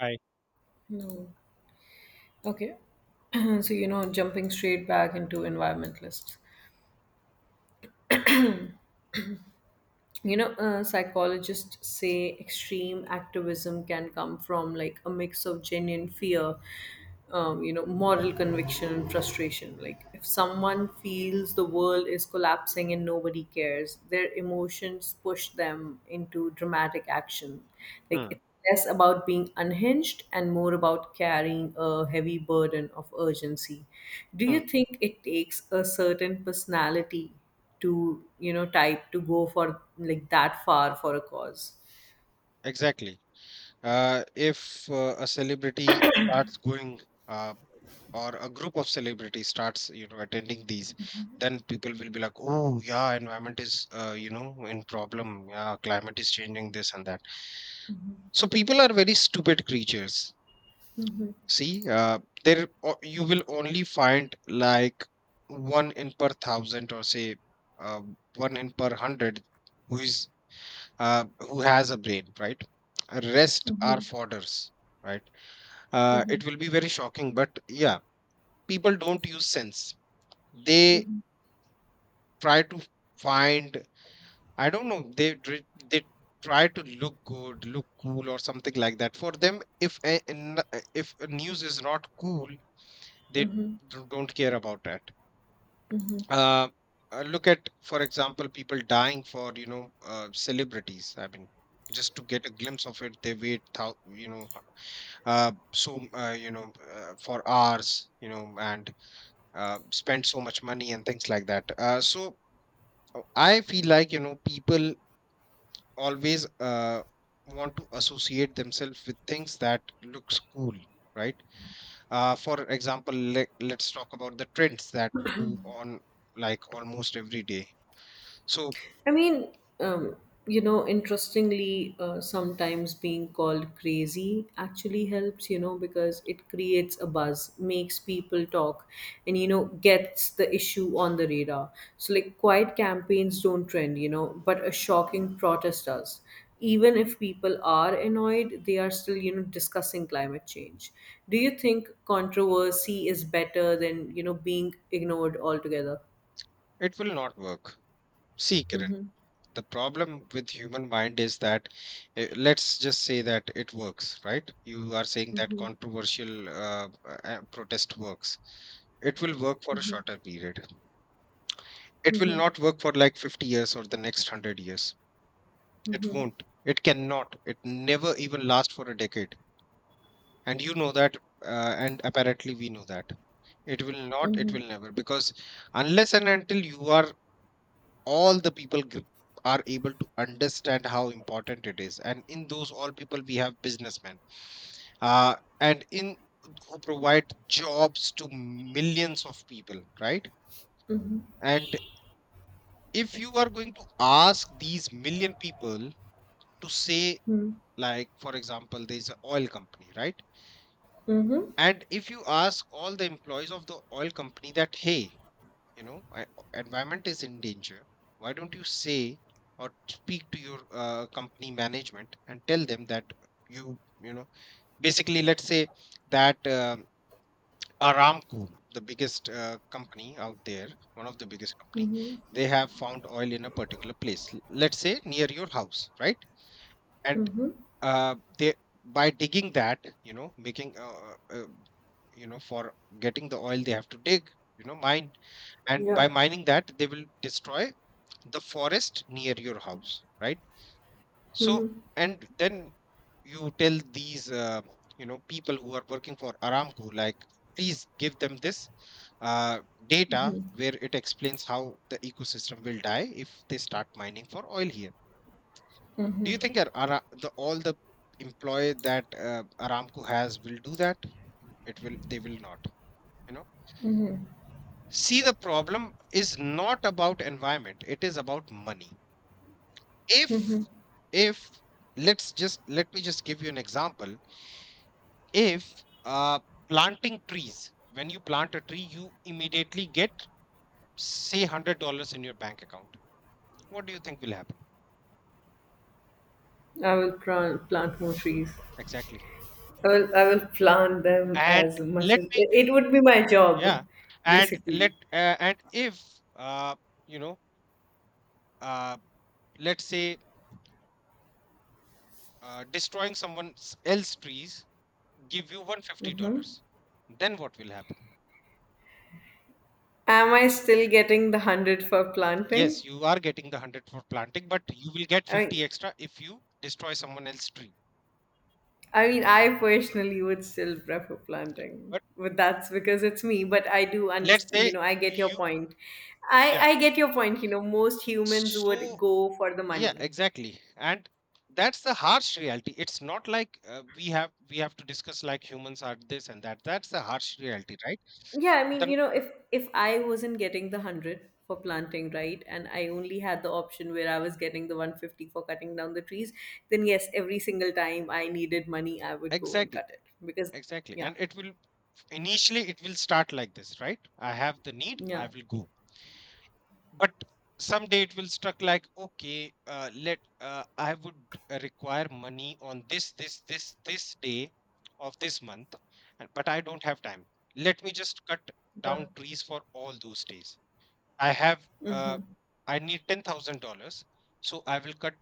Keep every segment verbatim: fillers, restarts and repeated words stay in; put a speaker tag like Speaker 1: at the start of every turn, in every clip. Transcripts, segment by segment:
Speaker 1: Right.
Speaker 2: No. Okay. so, you know, jumping straight back into environmentalists. you know uh, psychologists say extreme activism can come from like a mix of genuine fear, um, you know moral conviction and frustration, like if someone feels the world is collapsing and nobody cares, their emotions push them into dramatic action, like
Speaker 1: Hmm.
Speaker 2: it's less about being unhinged and more about carrying a heavy burden of urgency. Do
Speaker 1: mm,
Speaker 2: you think it takes a certain personality to you know type to go for like that far for a cause?
Speaker 1: exactly. Uh, if uh, a celebrity starts going, uh, or a group of celebrities starts, you know, attending these, then people will be like, "Oh, yeah, environment is, uh, you know, in problem. Yeah, climate is changing this and that." So people are very stupid creatures. See, uh, there o- you will only find like one in per thousand, or say, uh, one in per hundred, who is uh, who has a brain, right? Rest are fodders, right? Uh, it will be very shocking, but yeah, people don't use sense. They
Speaker 2: Mm-hmm.
Speaker 1: try to find, I don't know, they dri- they try to look good, look cool, or something like that. For them, if a, n- if a news is not cool, they d-
Speaker 2: Mm-hmm.
Speaker 1: don't care about that.
Speaker 2: Mm-hmm.
Speaker 1: Uh, uh, Look at, for example, people dying for you know uh, celebrities. I mean, just to get a glimpse of it, they wait thou you know uh, so uh, you know uh, for hours, you know and uh, spend so much money and things like that, uh, so uh, i feel like you know people always uh, want to associate themselves with things that looks cool, right. Uh, for example, let, let's talk about the trends that go on like almost every day, so...
Speaker 2: I mean, um, you know, interestingly, uh, sometimes being called crazy actually helps, you know, because it creates a buzz, makes people talk, and, you know, gets the issue on the radar. So, like, quiet campaigns don't trend, you know, but a shocking protest does. Even if people are annoyed, they are still, you know, discussing climate change. Do you think controversy is better than, you know, being ignored altogether?
Speaker 1: It will not work. See, Kiran,
Speaker 2: Mm-hmm.
Speaker 1: the problem with human mind is that, uh, let's just say that it works, right? You are saying that
Speaker 2: Mm-hmm.
Speaker 1: controversial uh, uh, uh, protest works. It will work for a
Speaker 2: Mm-hmm.
Speaker 1: shorter period. It will not work for like fifty years or the next one hundred years. It
Speaker 2: Mhm.
Speaker 1: won't, it cannot, it never even last for a decade, and you know that. Uh, and apparently we know that it will not, it
Speaker 2: Mhm.
Speaker 1: will never, because, unless and until you are all the people, g- are able to understand how important it is, and in those all people we have businessmen, uh, and in who provide jobs to millions of people, right?
Speaker 2: Mhm.
Speaker 1: And if you are going to ask these million people to say,
Speaker 2: Mhm.
Speaker 1: like, for example, there's an oil company, right?
Speaker 2: Mhm.
Speaker 1: And if you ask all the employees of the oil company that, hey, you know, I, environment is in danger, why don't you say or speak to your uh, company management and tell them that you you know basically let's say that, um Aramco, the biggest uh, company out there, one of the biggest company,
Speaker 2: Mhm.
Speaker 1: they have found oil in a particular place, l- let's say near your house, right? And
Speaker 2: Mhm.
Speaker 1: uh, they by digging that, you know making uh, uh, you know for getting the oil, they have to dig, you know, mine, and by
Speaker 2: Yeah,
Speaker 1: mining that they will destroy the forest near your house, right? So, and then you tell these uh, you know people who are working for Aramco, like, please give them this uh, data where it explains how the ecosystem will die if they start mining for oil here. Do you think Ar- Ara- the all the employee that uh, Aramco has will do that? It will They will not, you know. See, the problem is not about environment, it is about money. If if let's just let me just give you an example. If uh planting trees when you plant a tree, you immediately get, say, hundred dollars in your bank account. What do you think will happen?
Speaker 2: I will plant plant more trees.
Speaker 1: Exactly.
Speaker 2: I will I will plant them
Speaker 1: And
Speaker 2: as much
Speaker 1: let
Speaker 2: as it,
Speaker 1: me,
Speaker 2: it would be my job,
Speaker 1: yeah, and let,
Speaker 2: basically.
Speaker 1: uh, and if uh you know uh let's say, uh, destroying someone else's trees give you 150
Speaker 2: Hmm.
Speaker 1: dollars Then what will happen?
Speaker 2: Am I still getting the hundred for planting?
Speaker 1: Yes, you are getting the one hundred for planting, but you will get
Speaker 2: I mean,
Speaker 1: fifty extra if you destroy someone else's tree.
Speaker 2: I mean, I personally would still prefer planting,
Speaker 1: But
Speaker 2: but that's because it's me. But I do
Speaker 1: let's
Speaker 2: understand, you
Speaker 1: say
Speaker 2: know, I get your
Speaker 1: you,
Speaker 2: point. I
Speaker 1: yeah.
Speaker 2: I get your point. You know, most humans would
Speaker 1: So,
Speaker 2: go for the
Speaker 1: yeah,
Speaker 2: money.
Speaker 1: exactly. And that's the harsh reality. It's not like, uh, we have we have to discuss like humans are this and that. That's the harsh reality, right?
Speaker 2: Yeah, I mean,
Speaker 1: Then,
Speaker 2: you know, if if I wasn't getting the one hundred for planting, right, and I only had the option where I was getting the one fifty for cutting down the trees, then yes, every single time I needed money, I would go and
Speaker 1: exactly,
Speaker 2: cut it, because,
Speaker 1: exactly.
Speaker 2: Yeah.
Speaker 1: And it will initially it will start like this, right? I have the need, I
Speaker 2: Yeah.
Speaker 1: will go. But someday it will struck like, okay, uh, let uh, I would, uh, require money on this, this, this, this day of this month, and- but I don't have time. Let me just cut
Speaker 2: Yeah.
Speaker 1: down trees for all those days. i have uh,
Speaker 2: Mhm.
Speaker 1: i need ten thousand dollars, so I will cut,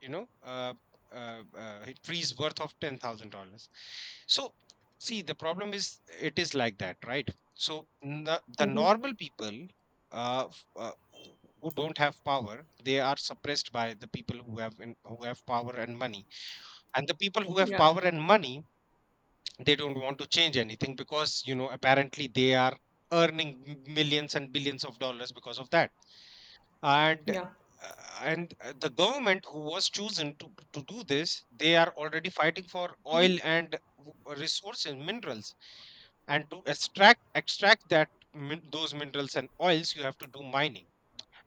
Speaker 1: you know, uh, uh, uh, it frees worth of ten thousand dollars. So, see, the problem is it is like that, right? So the, the
Speaker 2: Mhm.
Speaker 1: normal people, uh, f- uh, who don't have power, they are suppressed by the people, who have in, who have power and money. And the people who have
Speaker 2: Yeah.
Speaker 1: power and money, they don't want to change anything, because you know apparently they are earning, m- millions and billions of dollars because of that. and
Speaker 2: Yeah.
Speaker 1: uh, and uh, the government who was chosen, to, to do this, they are already fighting for oil and, w- uh, resources, minerals. And to extract extract that, min- those minerals and oils, you have to do mining.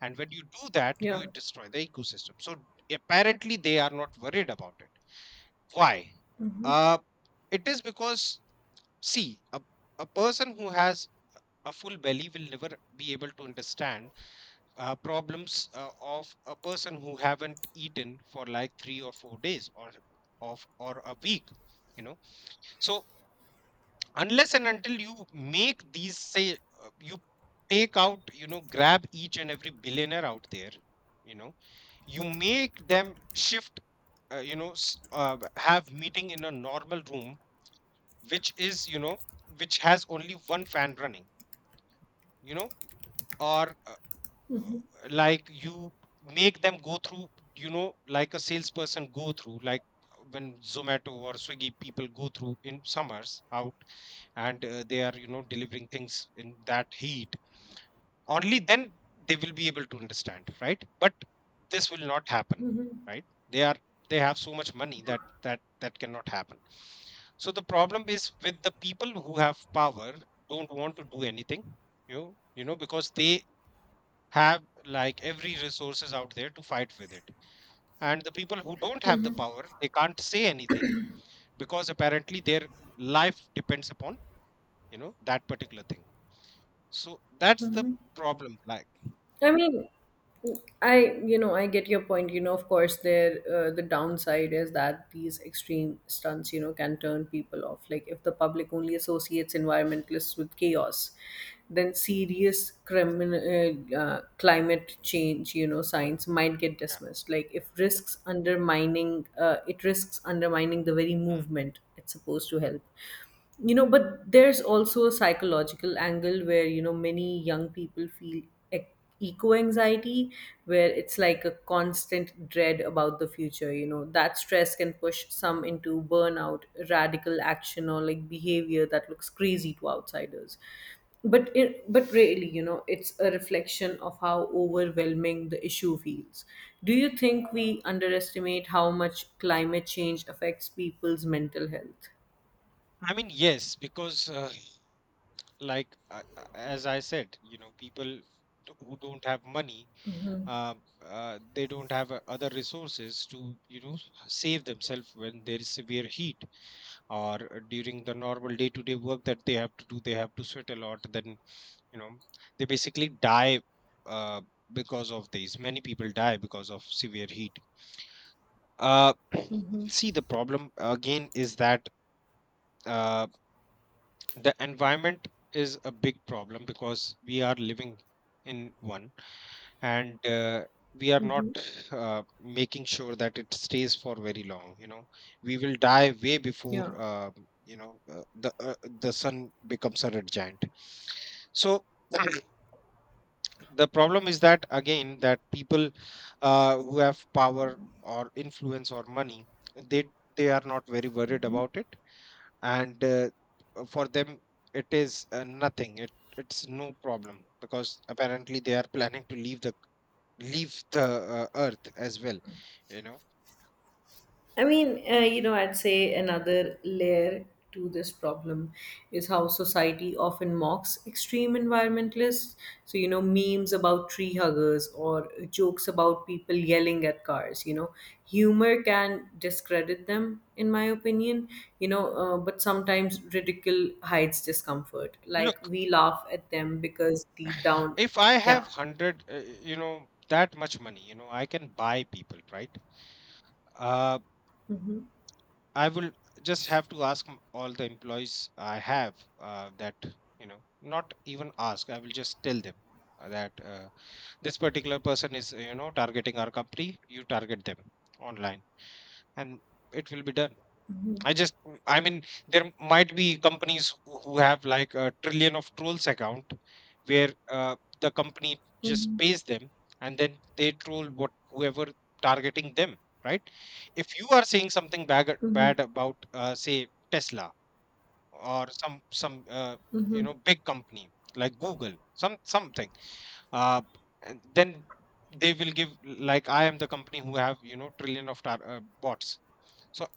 Speaker 1: And when you do that,
Speaker 2: Yeah.
Speaker 1: you destroy the ecosystem. So apparently they are not worried about it. Why? uh it is because, see, a, a person who has a full belly will never be able to understand uh, problems, uh, of a person who haven't eaten for like three or four days, or of or a week, you know. So, unless and until you make these, say, uh, you, take out you know, grab each and every billionaire out there, you know, you make them shift, uh, you know s- uh, have meeting in a normal room, which is, you know, which has only one fan running, you know, or uh, like, you make them go through, you know, like a salesperson go through, like when Zomato or Swiggy people go through in summers out, and uh, they are, you know, delivering things in that heat. Only then they will be able to understand, right? But this will not happen. Right, they are they have so much money that that that cannot happen. So the problem is with the people who have power, don't want to do anything. You you know because they have like every resources out there to fight with it. And the people who don't have the power, they can't say anything because apparently their life depends upon, you know that particular thing. So that's the problem, like.
Speaker 2: I mean, I you know I get your point. You know, of course, there uh, the downside is that these extreme stunts you know can turn people off, like if the public only associates environmentalists with chaos, then serious criminal uh, uh, climate change you know science might get
Speaker 1: Yeah.
Speaker 2: dismissed. Like if risks undermining uh, it risks undermining the very
Speaker 1: Hmm.
Speaker 2: movement it's supposed to help. You know but there's also a psychological angle where you know many young people feel ec- eco anxiety, where it's like a constant dread about the future. You know that stress can push some into burnout, radical action, or like behavior that looks crazy to outsiders, but it, but really, you know it's a reflection of how overwhelming the issue feels. Do you think we underestimate how much climate change affects people's mental health?
Speaker 1: I mean, yes, because uh, like, uh, uh, as I said, you know, people, d- who don't have money, uh, uh, they don't have uh, other resources to, you know, save themselves when there is severe heat, or during the normal day-to-day work that they have to do, they have to sweat a lot, then, you know, they basically die, uh, because of these. Many people die because of severe heat. uh, See, the problem again is that, uh, the environment is a big problem, because we are living in one, and uh, we are not uh, making sure that it stays for very long, you know. We will die way before,
Speaker 2: Yeah.
Speaker 1: uh, you know uh, the uh, the sun becomes a red giant. So, the problem is that, again, that people, uh, who have power or influence or money, they they are not very worried about it. And, uh, uh, for them it is, uh, nothing. It it's no problem, because apparently they are planning to leave the leave the uh, earth as well, you know.
Speaker 2: I mean, uh, you know, I'd say another layer to this problem is how society often mocks extreme environmentalists. So, you know, memes about tree huggers or jokes about people yelling at cars, you know, humor can discredit them, in my opinion. You know, uh, but sometimes ridicule hides discomfort, like
Speaker 1: Look,
Speaker 2: we laugh at them because deep down,
Speaker 1: if I have
Speaker 2: yeah.
Speaker 1: one hundred, uh, you know, that much money, you know, I can buy people, right? uh,
Speaker 2: Hmm.
Speaker 1: I will just have to ask, m- all the employees I have, uh, that, you know, not even ask, I will just tell them, uh, that, uh, this particular person is, you know, targeting our company, you target them online, and it will be done. I just, I mean, there might be companies who who have like a trillion of trolls account, where uh, the company just
Speaker 2: Hmm.
Speaker 1: pays them, and then they troll, what whoever targeting them, right? If you are saying something bad,
Speaker 2: Hmm.
Speaker 1: bad about, uh, say, Tesla, or some some uh, you
Speaker 2: Hmm.
Speaker 1: know, big company like Google, some something, uh, and then, they will give like I am the company who have, you know, trillion of, tar- uh, bots. So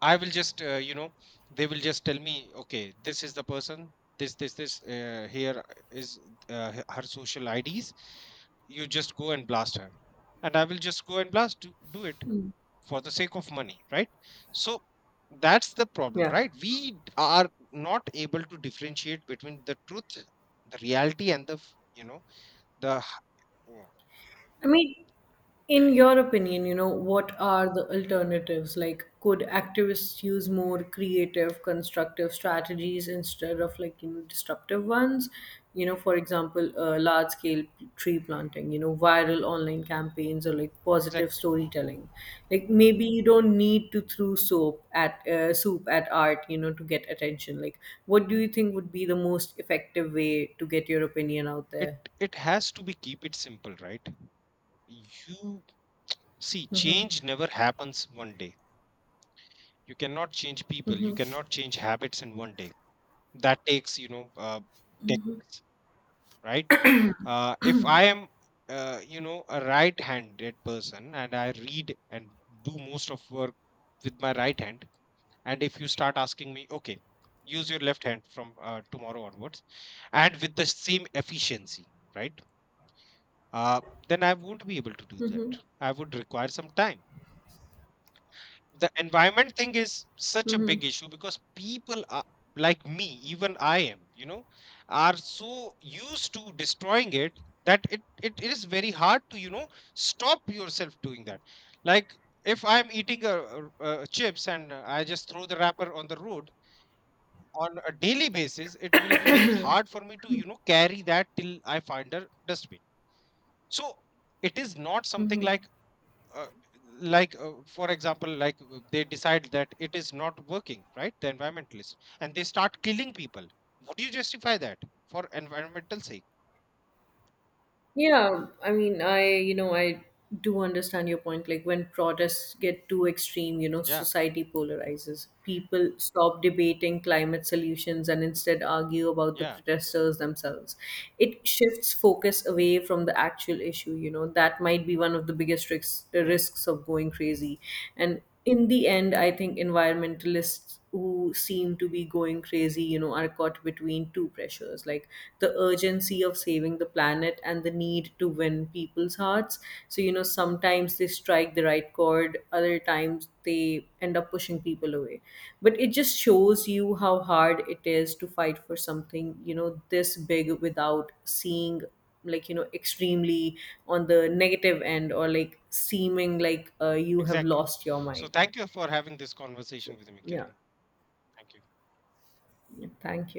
Speaker 1: I will just, uh, you know, they will just tell me, okay, this is the person, this, this, this, uh, here is, uh, h- her social I Ds. You just go and blast her. And I will just go and blast, do, do it
Speaker 2: Hmm.
Speaker 1: for the sake of money, right? So that's the problem,
Speaker 2: Yeah.
Speaker 1: right? We, d- are not able to differentiate between the truth, the reality, and the, f- you know, the, h-
Speaker 2: I mean, in your opinion, you know, what are the alternatives? Like, could activists use more creative, constructive strategies instead of like, you know, disruptive ones? You know, for example, uh, large scale tree planting, you know, viral online campaigns or like positive
Speaker 1: Exactly.
Speaker 2: storytelling. Like, maybe you don't need to throw soap at uh, soup at art, you know, to get attention. Like, what do you think would be the most effective way to get your opinion out
Speaker 1: It
Speaker 2: there?
Speaker 1: it has to be keep it simple, right? You see, change never happens one day. You cannot change people. You cannot change habits in one day. That takes, you know, uh, decades. Right? Uh, if I am, uh, you know, a right-handed person, and I read and do most of work with my right hand, and if you start asking me, okay, use your left hand from, uh, tomorrow onwards, and with the same efficiency, right? Uh, then I won't be able to do that.
Speaker 2: Mm-hmm.
Speaker 1: I would require some time. The environment thing is such a
Speaker 2: Mm-hmm.
Speaker 1: big issue, because people are like me, even I am, you know, are so used to destroying it, that it, it is very hard to, you know, stop yourself doing that. Like, if I'm eating a, a, a chips, and, uh, I just throw the wrapper on the road on a daily basis, it will be very hard for me to, you know, carry that till I find a dustbin. So it is not something like, uh, like uh, for example, like, uh, they decide that it is not working, right, the environmentalists, and they start killing people. Would you justify that for environmental sake?
Speaker 2: Yeah, I mean, I, you know, I do understand your point. Like when protests get too extreme, you know,
Speaker 1: Yeah,
Speaker 2: society polarizes. People stop debating climate solutions and instead argue about the
Speaker 1: yeah.
Speaker 2: protesters themselves. It shifts focus away from the actual issue, you know. That might be one of the biggest risks,
Speaker 1: Hmm.
Speaker 2: risks of going crazy. And in the end, I think environmentalists who seem to be going crazy, you know, are caught between two pressures, like the urgency of saving the planet and the need to win people's hearts. So, you know, sometimes they strike the right chord, other times they end up pushing people away. But it just shows you how hard it is to fight for something, you know, this big, without seeing like you know extremely on the negative end or like seeming like uh, you have
Speaker 1: Exactly.
Speaker 2: lost your
Speaker 1: So
Speaker 2: mind.
Speaker 1: thank you for having this conversation with me,
Speaker 2: Yeah,
Speaker 1: Kiran. Thank you.
Speaker 2: yeah, thank